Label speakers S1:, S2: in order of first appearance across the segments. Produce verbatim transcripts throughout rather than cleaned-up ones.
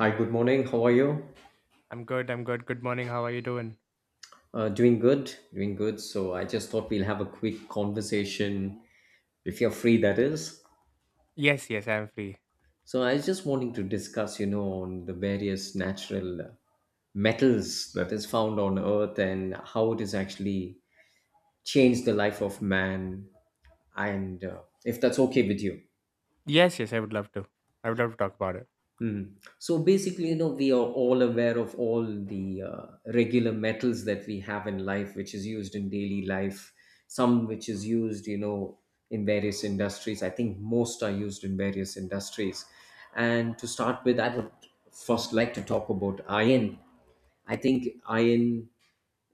S1: Hi, good morning. How are you?
S2: I'm good. I'm good. Good morning. How are you doing?
S1: Uh, doing good, doing good. So I just thought we'll have a quick conversation if you're free, that is.
S2: Yes, yes, I'm free.
S1: So I was just wanting to discuss, you know, on the various natural uh, metals that is found on Earth and how it has actually changed the life of man, and uh, if that's okay with you.
S2: Yes, yes, I would love to. I would love to talk about it.
S1: Mm. So basically, you know, we are all aware of all the uh, regular metals that we have in life, which is used in daily life, some which is used, you know, in various industries. I think most are used in various industries. And to start with, I would first like to talk about iron. I think iron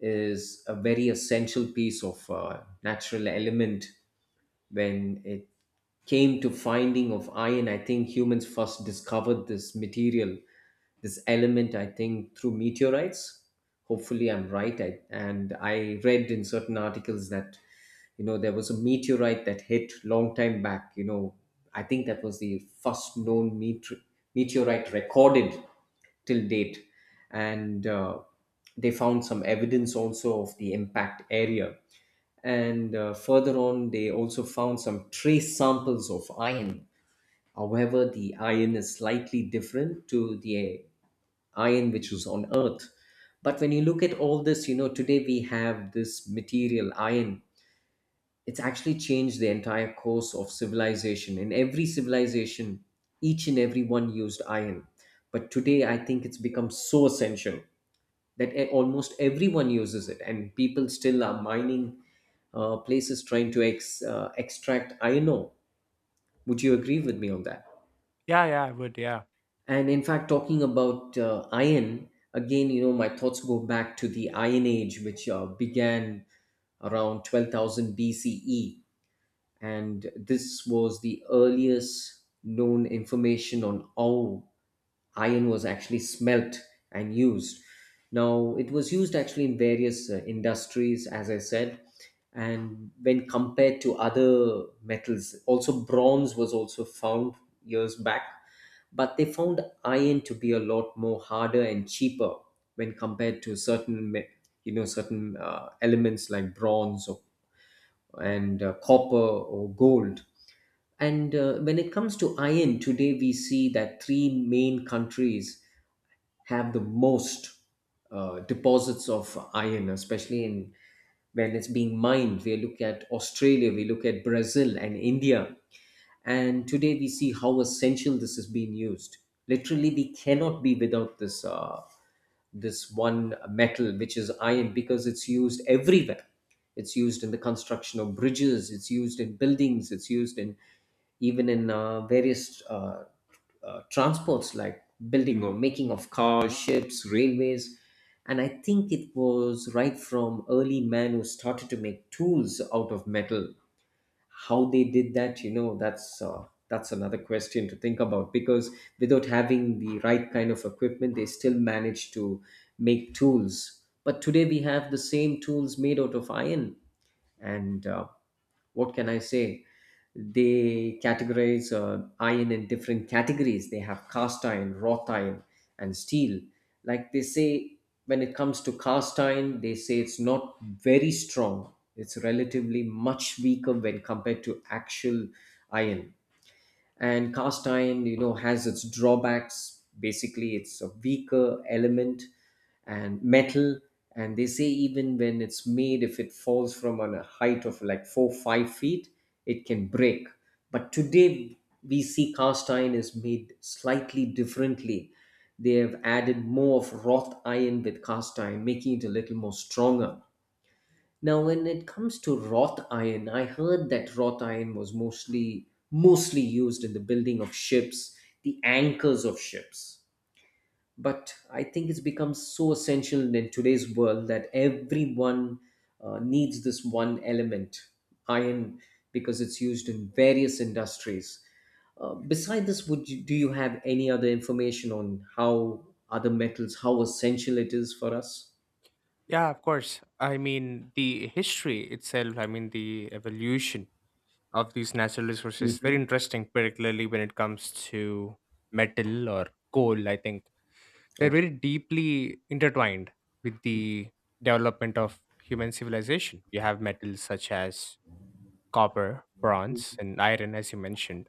S1: is a very essential piece of uh, natural element when it came to finding of iron, I think humans first discovered this material, this element, I think through meteorites. Hopefully I'm right. I, and I read in certain articles that, you know, there was a meteorite that hit long time back, you know. I think that was the first known meteor- meteorite recorded till date. And uh, they found some evidence also of the impact area, and uh, further on they also found some trace samples of iron. However, the iron is slightly different to the iron which was on Earth. But when you look at all this, you know, today we have this material iron. It's actually changed the entire course of civilization. In every civilization, each and every one used iron. But today I think it's become so essential that e- almost everyone uses it and people still are mining uh, places trying to ex, uh, extract iron ore. Would you agree with me on that?
S2: Yeah, yeah, I would. Yeah.
S1: And in fact, talking about uh, iron again, you know, my thoughts go back to the iron age, which uh, began around twelve thousand bce. And this was the earliest known information on how iron was actually smelt and used. Now, it was used actually in various uh, industries, as I said, and when compared to other metals, also bronze was also found years back, but they found iron to be a lot more harder and cheaper when compared to certain, me- you know, certain uh, elements like bronze, or and uh, copper or gold. And uh, when it comes to iron, today we see that three main countries have the most uh, deposits of iron, especially in when it's being mined. We look at Australia, we look at Brazil and India. And today we see how essential this is being used. Literally, we cannot be without this uh, this one metal, which is iron, because it's used everywhere. It's used in the construction of bridges, it's used in buildings, it's used in even in uh, various uh, uh, transports like building or making of cars, ships, railways. And I think it was right from early man who started to make tools out of metal. How they did that, you know, that's uh, that's another question to think about, because without having the right kind of equipment, they still managed to make tools. But today we have the same tools made out of iron, and uh, what can I say, they categorize uh, iron in different categories. They have cast iron, wrought iron and steel. Like they say, when it comes to cast iron, they say it's not very strong, it's relatively much weaker when compared to actual iron. And cast iron, you know, has its drawbacks. Basically, it's a weaker element and metal. And they say even when it's made, if it falls from on a height of like four five feet, it can break. But today we see cast iron is made slightly differently. They have added more of wrought iron with cast iron, making it a little more stronger. Now, when it comes to wrought iron, I heard that wrought iron was mostly mostly used in the building of ships, the anchors of ships. But I think it's become so essential in today's world that everyone uh, needs this one element, iron, because it's used in various industries. Uh, beside this, would you, do you have any other information on how other metals, how essential it is for us?
S2: Yeah, of course. I mean, the history itself, I mean, the evolution of these natural resources, is very
S1: Hmm.
S2: interesting, particularly when it comes to metal or coal, I think. They're
S1: Okay.
S2: very deeply intertwined with the development of human civilization. You have metals such as copper, bronze, and iron, as you mentioned.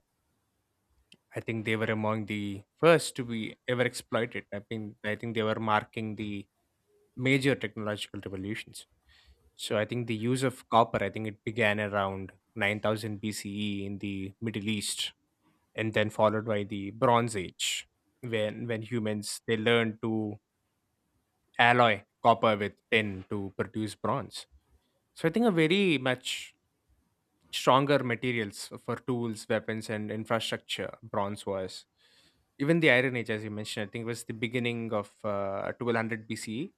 S2: I think they were among the first to be ever exploited. I think I think they were marking the major technological revolutions. So I think the use of copper, I think it began around nine thousand B C E in the Middle East, and then followed by the Bronze Age, when when humans they learned to alloy copper with tin to produce bronze. So I think a very much stronger materials for tools, weapons, and infrastructure. Bronze was even the Iron Age, as you mentioned. I think it was the beginning of uh, twelve hundred B C E.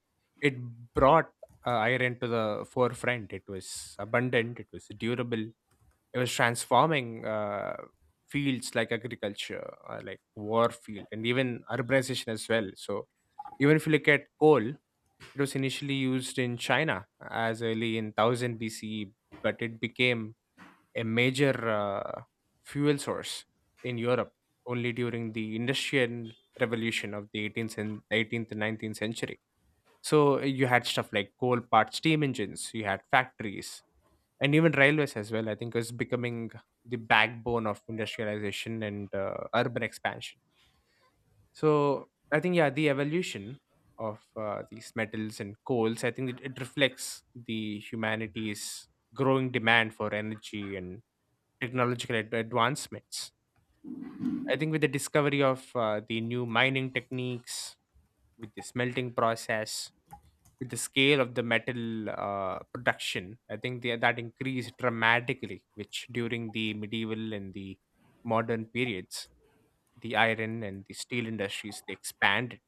S2: It brought uh, iron to the forefront. It was abundant. It was durable. It was transforming uh, fields like agriculture, uh, like war field, and even urbanization as well. So even if you look at coal, it was initially used in China as early in one thousand B C E, but it became a major uh, fuel source in Europe only during the Industrial Revolution of the eighteenth and eighteenth and nineteenth century. So uh, you had stuff like coal part steam engines, you had factories, and even railways as well. I think was becoming the backbone of industrialization and uh, urban expansion. So I think yeah, the evolution of uh, these metals and coals, I think it, it reflects the humanity's growing demand for energy and technological ad- advancements. I think with the discovery of uh, the new mining techniques, with the smelting process, with the scale of the metal uh, production, I think the, that increased dramatically, which during the medieval and the modern periods, the iron and the steel industries they expanded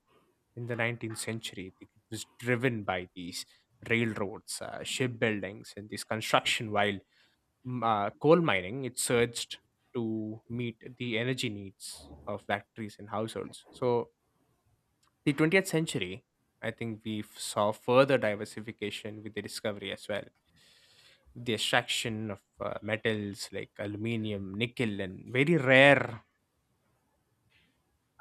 S2: in the nineteenth century. It was driven by these railroads, uh, shipbuildings, and this construction, while m- uh, coal mining, it surged to meet the energy needs of factories and households. So, the twentieth century, I think we f- saw further diversification with the discovery as well. The extraction of uh, metals like aluminium, nickel, and very rare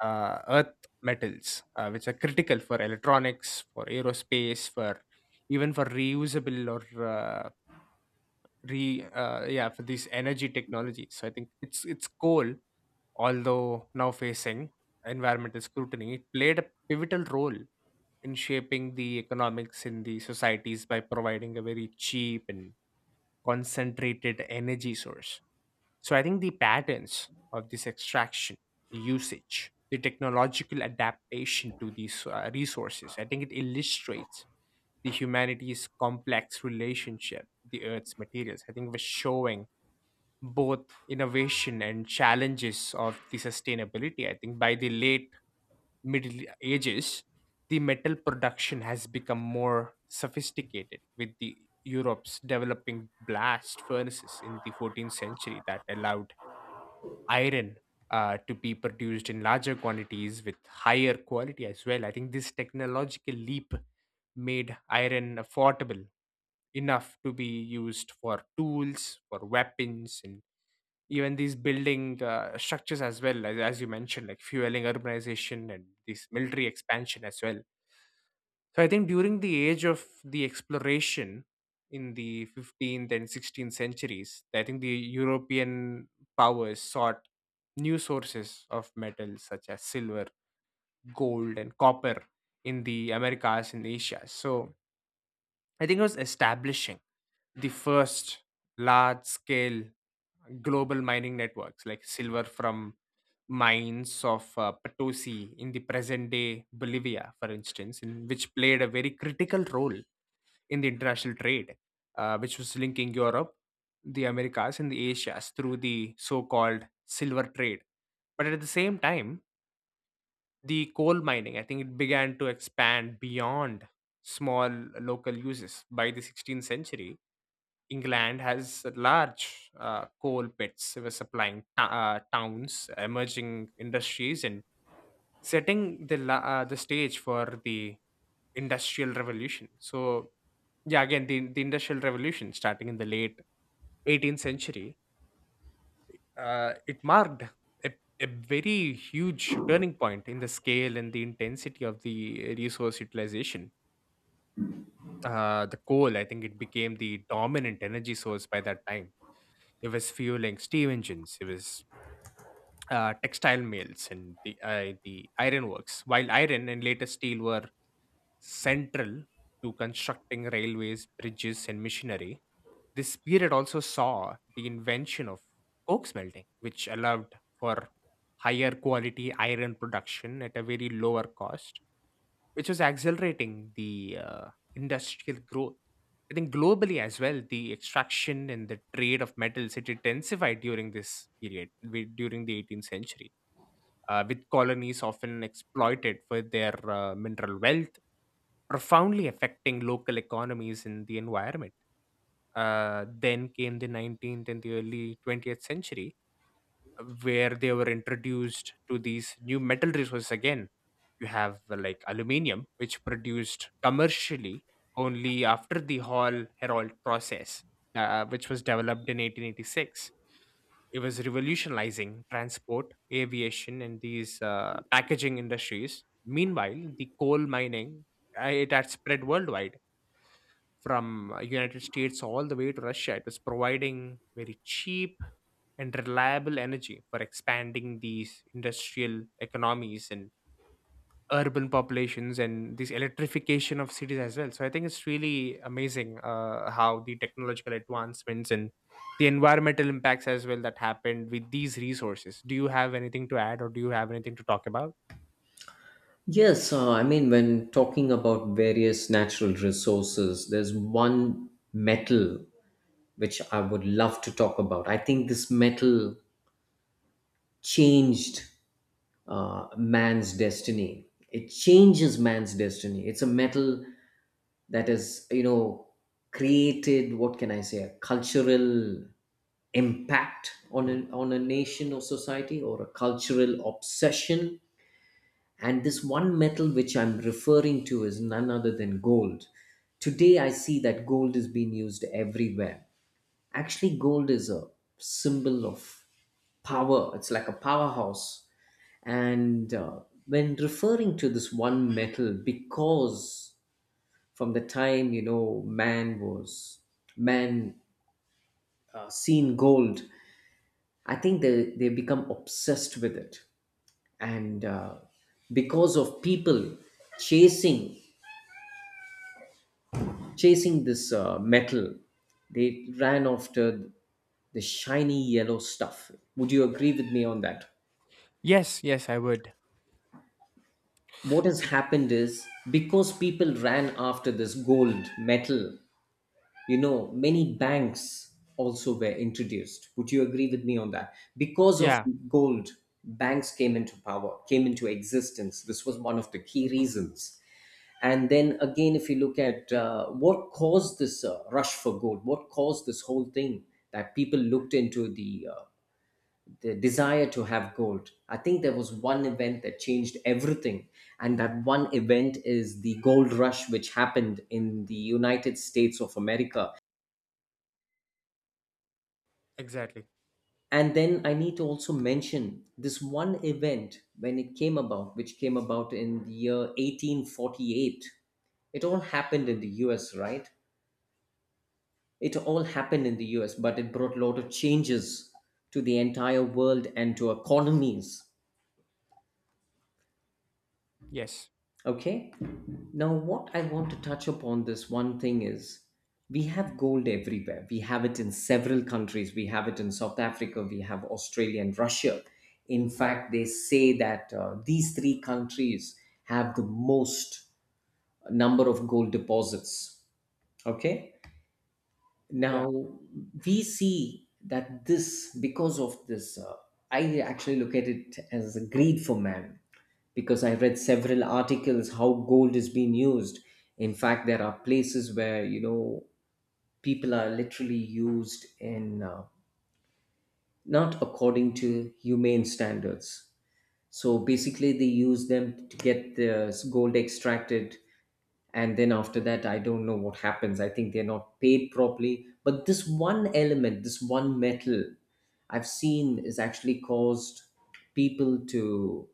S2: uh, earth metals, uh, which are critical for electronics, for aerospace, for even for reusable or uh, re uh, yeah for these energy technologies. So I think it's it's coal, although now facing environmental scrutiny, it played a pivotal role in shaping the economics in the societies by providing a very cheap and concentrated energy source. So I think the patterns of this extraction, the usage, the technological adaptation to these uh, resources, I think it illustrates the humanity's complex relationship with the Earth's materials. I think we're showing both innovation and challenges of the sustainability. I think by the late Middle Ages, the metal production has become more sophisticated, with the Europe's developing blast furnaces in the fourteenth century that allowed iron uh, to be produced in larger quantities with higher quality as well. I think this technological leap made iron affordable enough to be used for tools, for weapons, and even these building uh, structures as well, as, as you mentioned, like fueling urbanization and this military expansion as well. So I think during the age of the exploration in the fifteenth and sixteenth centuries, I think the European powers sought new sources of metals such as silver, gold, and copper in the Americas and Asia. So I think it was establishing the first large scale global mining networks, like silver from mines of uh, Potosi in the present day Bolivia, for instance, in which played a very critical role in the international trade, uh, which was linking Europe, the Americas, and the Asias through the so called silver trade. But at the same time, the coal mining, I think it began to expand beyond small local uses. By the sixteenth century, England has large uh, coal pits, were supplying t- uh, towns, emerging industries, and setting the la- uh, the stage for the industrial revolution. So yeah, again, the the industrial revolution starting in the late eighteenth century, uh, it marked a, a very huge turning point in the scale and the intensity of the resource utilization. Uh, the coal, I think, it became the dominant energy source. By that time, it was fueling steam engines, it was uh, textile mills and the uh, the ironworks, while iron and later steel were central to constructing railways, bridges, and machinery. This period also saw the invention of coke smelting, which allowed for higher quality iron production at a very lower cost, which was accelerating the uh, industrial growth. I think globally as well, the extraction and the trade of metals it intensified during this period, wi- during the eighteenth century, uh, with colonies often exploited for their uh, mineral wealth, profoundly affecting local economies and the environment. Uh, then came the nineteenth and the early twentieth century, where they were introduced to these new metal resources again. You have uh, like aluminium, which produced commercially only after the Hall herold process, uh, which was developed in eighteen eighty-six. It was revolutionizing transport, aviation, and these uh, packaging industries. Meanwhile, the coal mining, uh, it had spread worldwide from uh, United States all the way to Russia. It was providing very cheap and reliable energy for expanding these industrial economies and urban populations and this electrification of cities as well. So I think it's really amazing uh, how the technological advancements and the environmental impacts as well that happened with these resources. Do you have anything to add or do you have anything to talk about?
S1: Yes, uh, I mean, when talking about various natural resources, there's one metal which I would love to talk about. I think this metal changed uh, man's destiny. It changes man's destiny. It's a metal that has, you know, created, what can I say, a cultural impact on a, on a nation or society or a cultural obsession. And this one metal which I'm referring to is none other than gold. Today, I see that gold is being used everywhere. Actually, gold is a symbol of power, it's like a powerhouse. And uh, when referring to this one metal, because from the time, you know, man was man uh, seen gold, I think they they become obsessed with it, and uh, because of people chasing chasing this uh, metal. They ran after the shiny yellow stuff. Would you agree with me on that?
S2: Yes, yes, I would.
S1: What has
S2: It,
S1: happened is because people ran after this gold metal, you know, many banks also were introduced. Would you agree with me on that? Because of
S2: yeah,
S1: gold, banks came into power, came into existence. This was one of the key reasons. And then again, if you look at uh, what caused this uh, rush for gold, what caused this whole thing that people looked into the uh, the desire to have gold. I think there was one event that changed everything, and that one event is the gold rush which happened in the United States of America.
S2: exactly.
S1: And then I need to also mention this one event when it came about, which came about in the year eighteen forty-eight. It all happened in the U S, right? It all happened in the U S, but it brought a lot of changes to the entire world and to economies.
S2: Yes.
S1: Okay? Now, what I want to touch upon this one thing is we have gold everywhere. We have it in several countries. We have it in South Africa, we have Australia and Russia. In fact, they say that uh, these three countries have the most number of gold deposits. Okay?
S2: Yeah.
S1: Now we see that this, because of this, uh, I actually look at it as a greed for man because I read several articles how gold is being used. In fact, there are places where, you know, people are literally used in uh, not according to humane standards. So basically, they use them to get the gold extracted, and then after that I don't know what happens. I think they're not paid properly. But this one element, this one metal, I've seen is actually caused people to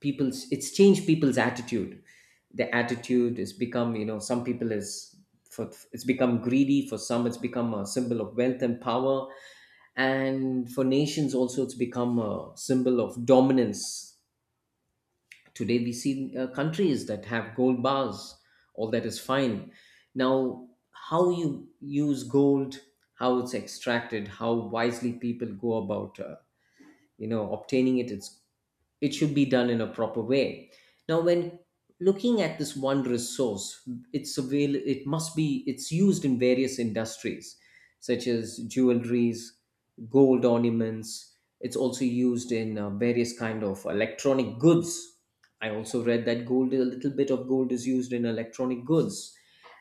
S1: people's, it's changed people's attitude. The attitude has become, you know, some people is for, it's become greedy, for some it's become a symbol of wealth and power. And for nations also, it's become a symbol of dominance. Today, we see uh, countries that have gold bars. All that is fine. Now, how you use gold, how it's extracted, how wisely people go about uh, you know, obtaining it, it's it should be done in a proper way. Now, when looking at this one resource, it's avail, it must be, it's used in various industries such as jewelries, gold ornaments. It's also used in uh, various kind of electronic goods. I also read that gold, a little bit of gold is used in electronic goods.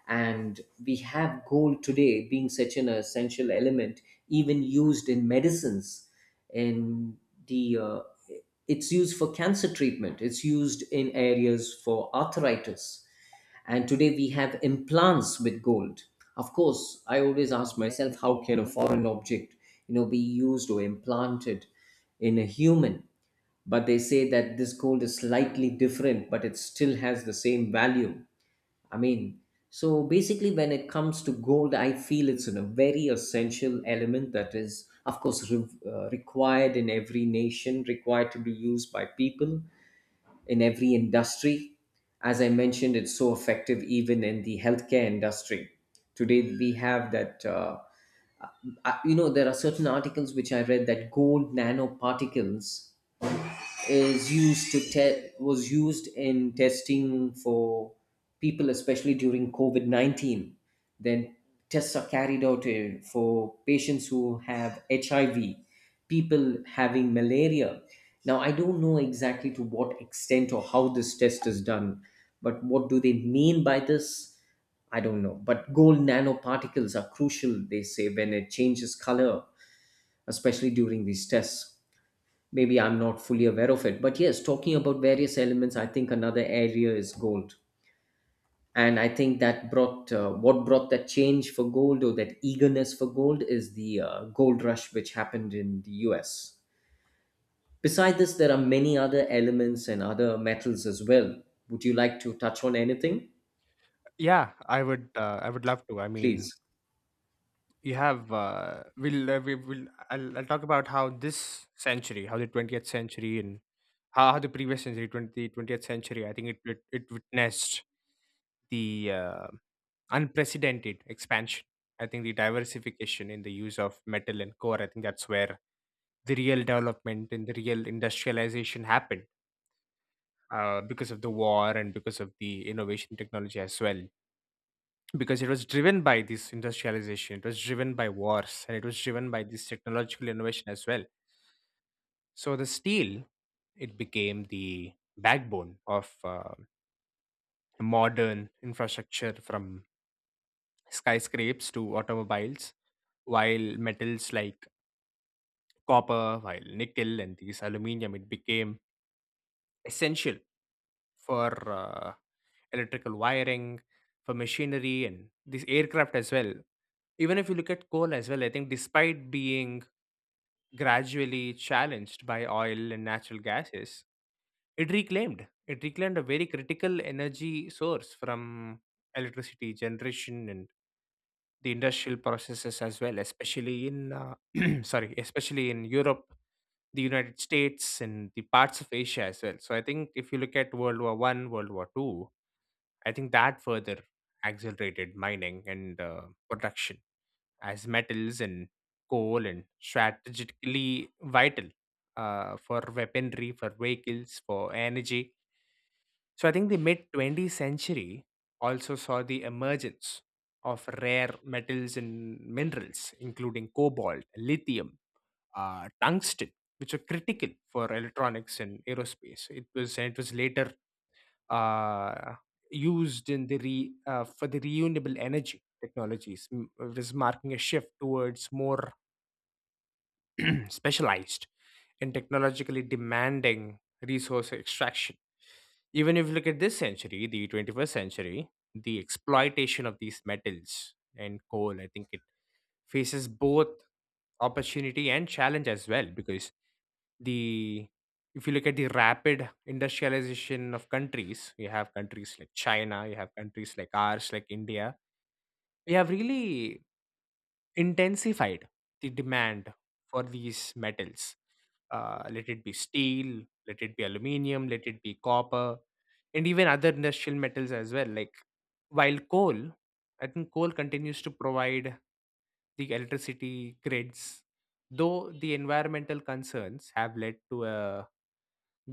S1: And we have gold today being such an essential element, even used in medicines. And the uh, it's used for cancer treatment, it's used in areas for arthritis. And today we have implants with gold. Of course, I always ask myself, how can a foreign object, you know, be used or implanted in a human? But they say that this gold is slightly different, but it still has the same value. I mean, so basically, when it comes to gold, I feel it's a very essential element that is, of course, re- uh, required in every nation, required to be used by people in every industry. As I mentioned, it's so effective even in the healthcare industry. Today, we have that. Uh, I, you know, there are certain articles which I read that gold nanoparticles is used to te- was used in testing for people, especially during COVID nineteen. Then tests are carried out uh, for patients who have H I V, people having malaria. Now I don't know exactly to what extent or how this test is done, but what do they mean by this? I don't know. But gold nanoparticles are crucial, they say, when it changes color, especially during these tests. Maybe I'm not fully aware of it. But yes, talking about various elements, I think another area is gold. And I think that brought uh, what brought that change for gold or that eagerness for gold is the uh, gold rush which happened in the U S. Besides this, there are many other elements and other metals as well. Would you like to touch on anything?
S2: Yeah, I would. Uh, I would love to. I mean,
S1: Please.
S2: you have. Uh, we'll. Uh, we will. I'll, I'll talk about how this century, how the twentieth century, and how, how the previous century, twenty twentieth century. I think it it, it witnessed the uh, unprecedented expansion. I think the diversification in the use of metal and core. I think that's where the real development and the real industrialization happened. Uh, because of the war and because of the innovation technology as well, because it was driven by this industrialization, it was driven by wars, and it was driven by this technological innovation as well. So the steel, it became the backbone of uh, modern infrastructure, from skyscrapes to automobiles, while metals like copper, while nickel and these aluminum, it became essential for uh, electrical wiring, for machinery, and this aircraft as well. Even if you look at coal as well, I think despite being gradually challenged by oil and natural gases, it reclaimed it reclaimed a very critical energy source, from electricity generation and the industrial processes as well, especially in uh, sorry, especially in Europe, the United States, and the parts of Asia as well. So I think if you look at World War One, World War Two, I think that further accelerated mining and uh, production, as metals and coal and strategically vital uh, for weaponry, for vehicles, for energy. So I think the mid twentieth century also saw the emergence of rare metals and minerals, including cobalt, lithium, uh, tungsten, which were critical for electronics and aerospace. It was and it was later uh, used in the re, uh, for the renewable energy technologies. m- It was marking a shift towards more specialized in technologically demanding resource extraction. Even if you look at this century, the twenty-first century, the exploitation of these metals and coal, I think it faces both opportunity and challenge as well, because the if you look at the rapid industrialization of countries, you have countries like China, you have countries like ours, like India, we have really intensified the demand for these metals. Uh, let it be steel, let it be aluminium, let it be copper, and even other industrial metals as well. Like while coal, I think coal continues to provide the electricity grids, though the environmental concerns have led to a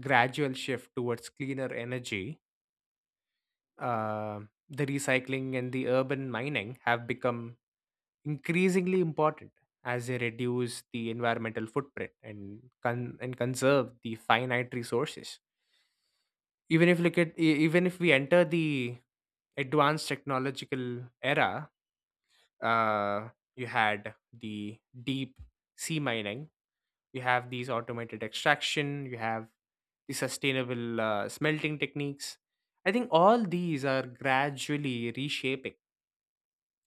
S2: gradual shift towards cleaner energy. uh, the recycling and the urban mining have become increasingly important as they reduce the environmental footprint and con- and conserve the finite resources, even if look at e- even if we enter the advanced technological era. uh, you had the deep sea mining, you have these automated extraction, you have the sustainable uh, smelting techniques. I think all these are gradually reshaping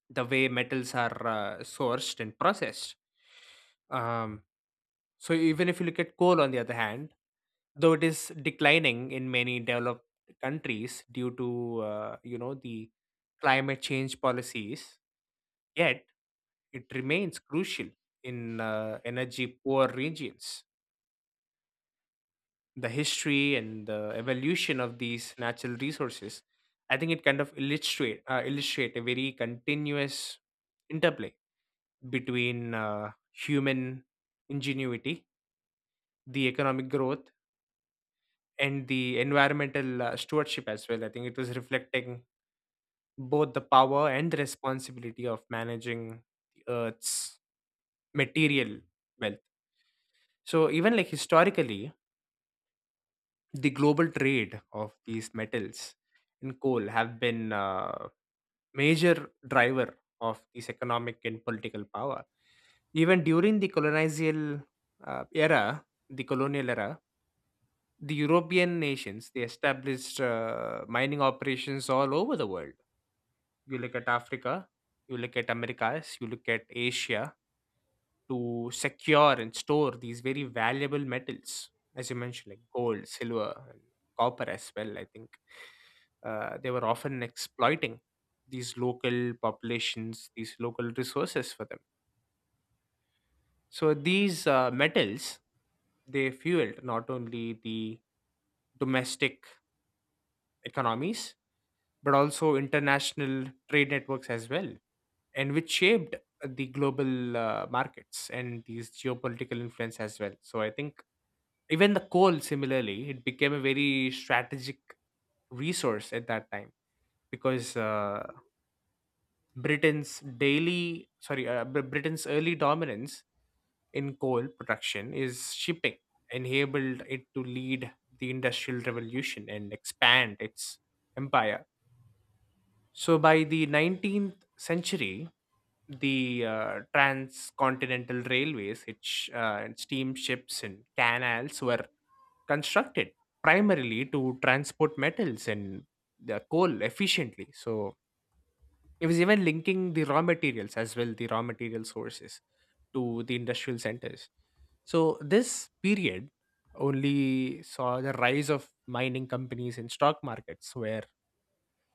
S2: the way metals are uh, sourced and processed. um, so even if you look at coal on the other hand, though it is declining in many developed countries due to uh, you know the climate change policies, yet it remains crucial in uh, energy poor regions. The history and the evolution of these natural resources, I think it kind of illustrate uh, illustrate a very continuous interplay between uh, human ingenuity, the economic growth, and the environmental uh, stewardship as well. I think it was reflecting both the power and the responsibility of managing the Earth's material wealth. So even like historically, the global trade of these metals and coal have been uh, major driver of this economic and political power. Even during the colonial uh, era, the colonial era, the European nations they established uh, mining operations all over the world. You look at Africa, you look at Americas, you look at Asia, to secure and store these very valuable metals, as you mentioned, like gold, silver, and copper as well. I think uh, they were often exploiting these local populations, these local resources for them. So these uh, metals they fueled not only the domestic economies but also international trade networks as well, and which shaped the global uh, markets and these geopolitical influence as well. So I think even the coal, similarly, it became a very strategic resource at that time because uh, Britain's daily, sorry, uh, Br- Britain's early dominance in coal production is shipping enabled it to lead the industrial revolution and expand its empire. So by the nineteenth century, the uh, transcontinental railways it uh, and steamships and canals were constructed primarily to transport metals and the coal efficiently. So it was even linking the raw materials as well, the raw material sources to the industrial centers. So this period only saw the rise of mining companies and stock markets where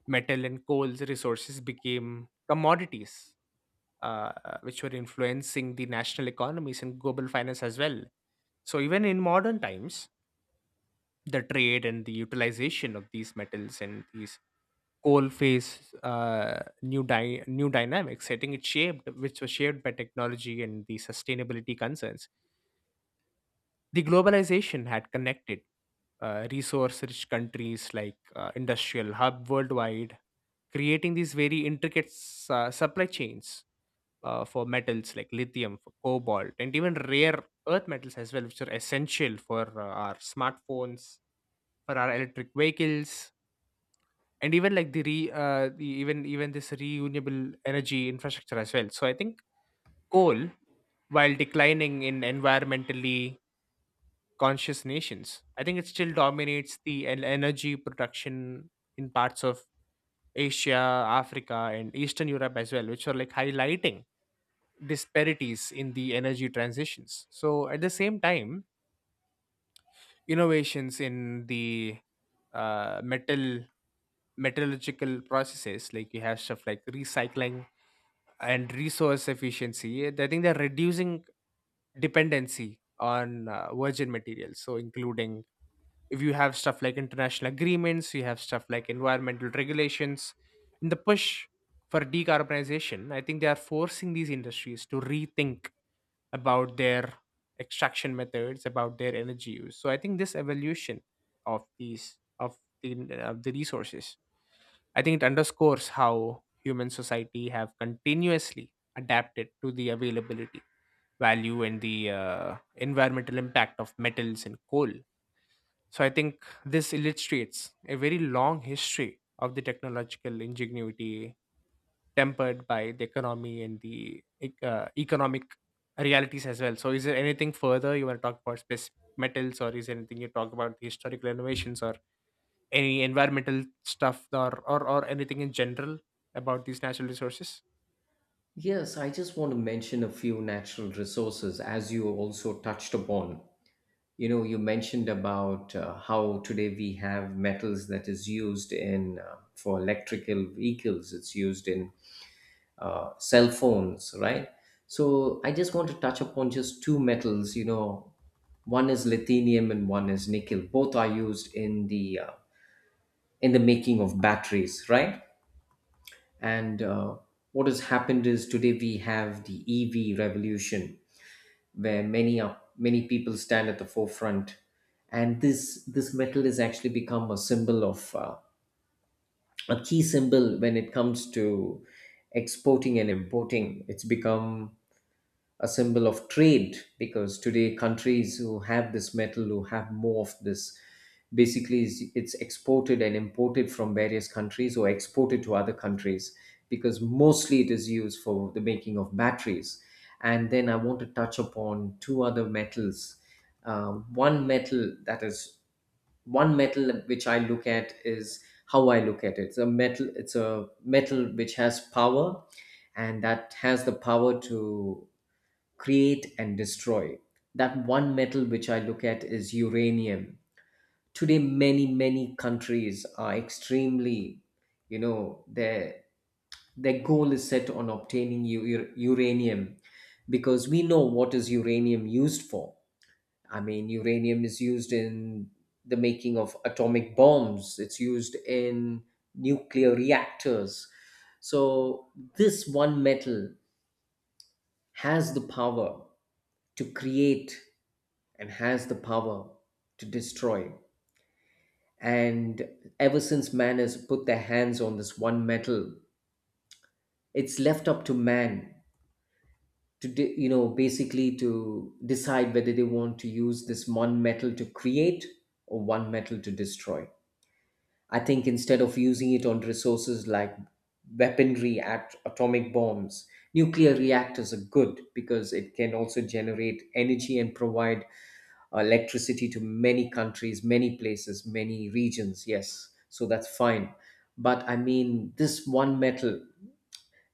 S2: metal and coal resources became commodities, uh, which were influencing the national economies and global finance as well. So even in modern times, the trade and the utilization of these metals and these coal face uh, new dy- new dynamics setting it shaped, which was shaped by technology and the sustainability concerns. The globalization had connected uh, resource rich countries like uh, industrial hub worldwide, creating these very intricate s- uh, supply chains uh, for metals like lithium, for cobalt, and even rare earth metals as well, which are essential for uh, our smartphones, for our electric vehicles, and even like the re uh, the, even even this renewable energy infrastructure as well. So I think coal, while declining in environmentally conscious nations, I think it still dominates the en- energy production in parts of Asia, Africa, and Eastern Europe as well, which are like highlighting disparities in the energy transitions. So at the same time, innovations in the uh, metal metallurgical processes, like you have stuff like recycling and resource efficiency, eh, I think they're reducing dependency on uh, virgin materials. So including if you have stuff like international agreements, you have stuff like environmental regulations in the push for decarbonization, I think they are forcing these industries to rethink about their extraction methods, about their energy use. So I think this evolution of these of the of the resources, I think it underscores how human society have continuously adapted to the availability, value, and the uh, environmental impact of metals and coal. So I think this illustrates a very long history of the technological ingenuity tempered by the economy and the ec- uh, economic realities as well. So is there anything further you want to talk about specific metals, or is there anything you talk about the historical innovations or any environmental stuff or or, or anything in general about these natural resources?
S1: Yes, I just want to mention a few natural resources as you also touched upon. You know, you mentioned about uh, how today we have metals that is used in uh, for electrical vehicles, it's used in uh, cell phones, right? So I just want to touch upon just two metals, you know. One is lithium and one is nickel. Both are used in the uh, in the making of batteries, right? And uh, what has happened is today we have the E V revolution where many are, many people stand at the forefront, and this this metal has actually become a symbol of uh, a key symbol when it comes to exporting and importing. It's become a symbol of trade, because today countries who have this metal, who have more of this, basically is- it's exported and imported from various countries or exported to other countries, because mostly it is used for the making of batteries. And then I want to touch upon two other metals. Uh, one metal that is, one metal which I look at, is how I look at it. It's a metal, it's a metal which has power, and that has the power to create and destroy. That one metal which I look at is uranium. Today, many, many countries are extremely, you know, their, their goal is set on obtaining u- u- uranium, because we know what is uranium used for. I mean, uranium is used in the making of atomic bombs, it's used in nuclear reactors. So, this one metal has the power to create and has the power to destroy. And ever since man has put their hands on this one metal, it's left up to man to de- you know, basically to decide whether they want to use this one metal to create or one metal to destroy. I think instead of using it on resources like weaponry, at- atomic bombs, nuclear reactors are good because it can also generate energy and provide electricity to many countries, many places, many regions. Yes, so that's fine. But I mean, this one metal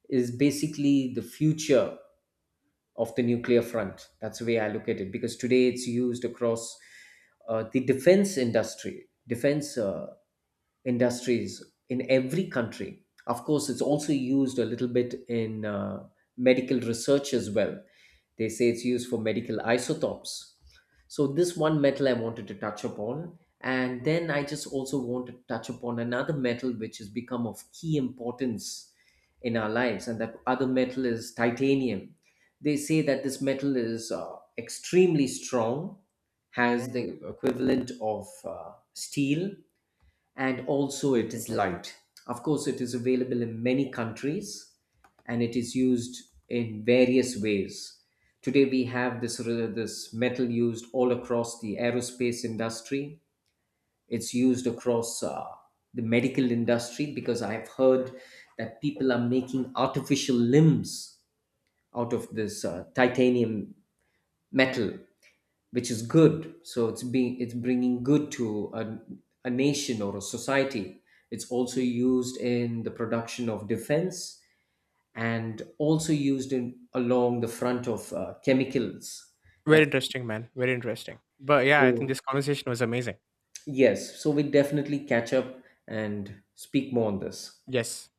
S1: is basically the future of the nuclear front. That's the way I look at it, because today it's used across uh, the defense industry, defense uh, industries in every country. Of course, it's also used a little bit in uh, medical research as well. They say it's used for medical isotopes. So, this one metal I wanted to touch upon. And then I just also want to touch upon another metal which has become of key importance in our lives, and that other metal is titanium. They say that this metal is uh, extremely strong, has the equivalent of uh, steel, and also it is light. Of course, it is available in many countries and it is used in various ways. Today, we have this, uh, this metal used all across the aerospace industry. It's used across uh, the medical industry, because I've heard that people are making artificial limbs out of this uh, titanium metal, which is good. So it's being, it's bringing good to a, a nation or a society. It's also used in the production of defense and also used in along the front of uh, chemicals.
S2: Very
S1: That's
S2: interesting man, very interesting, but yeah, I think
S1: so,
S2: this conversation was amazing.
S1: yes. So we definitely catch up and speak more on this.
S2: Yes.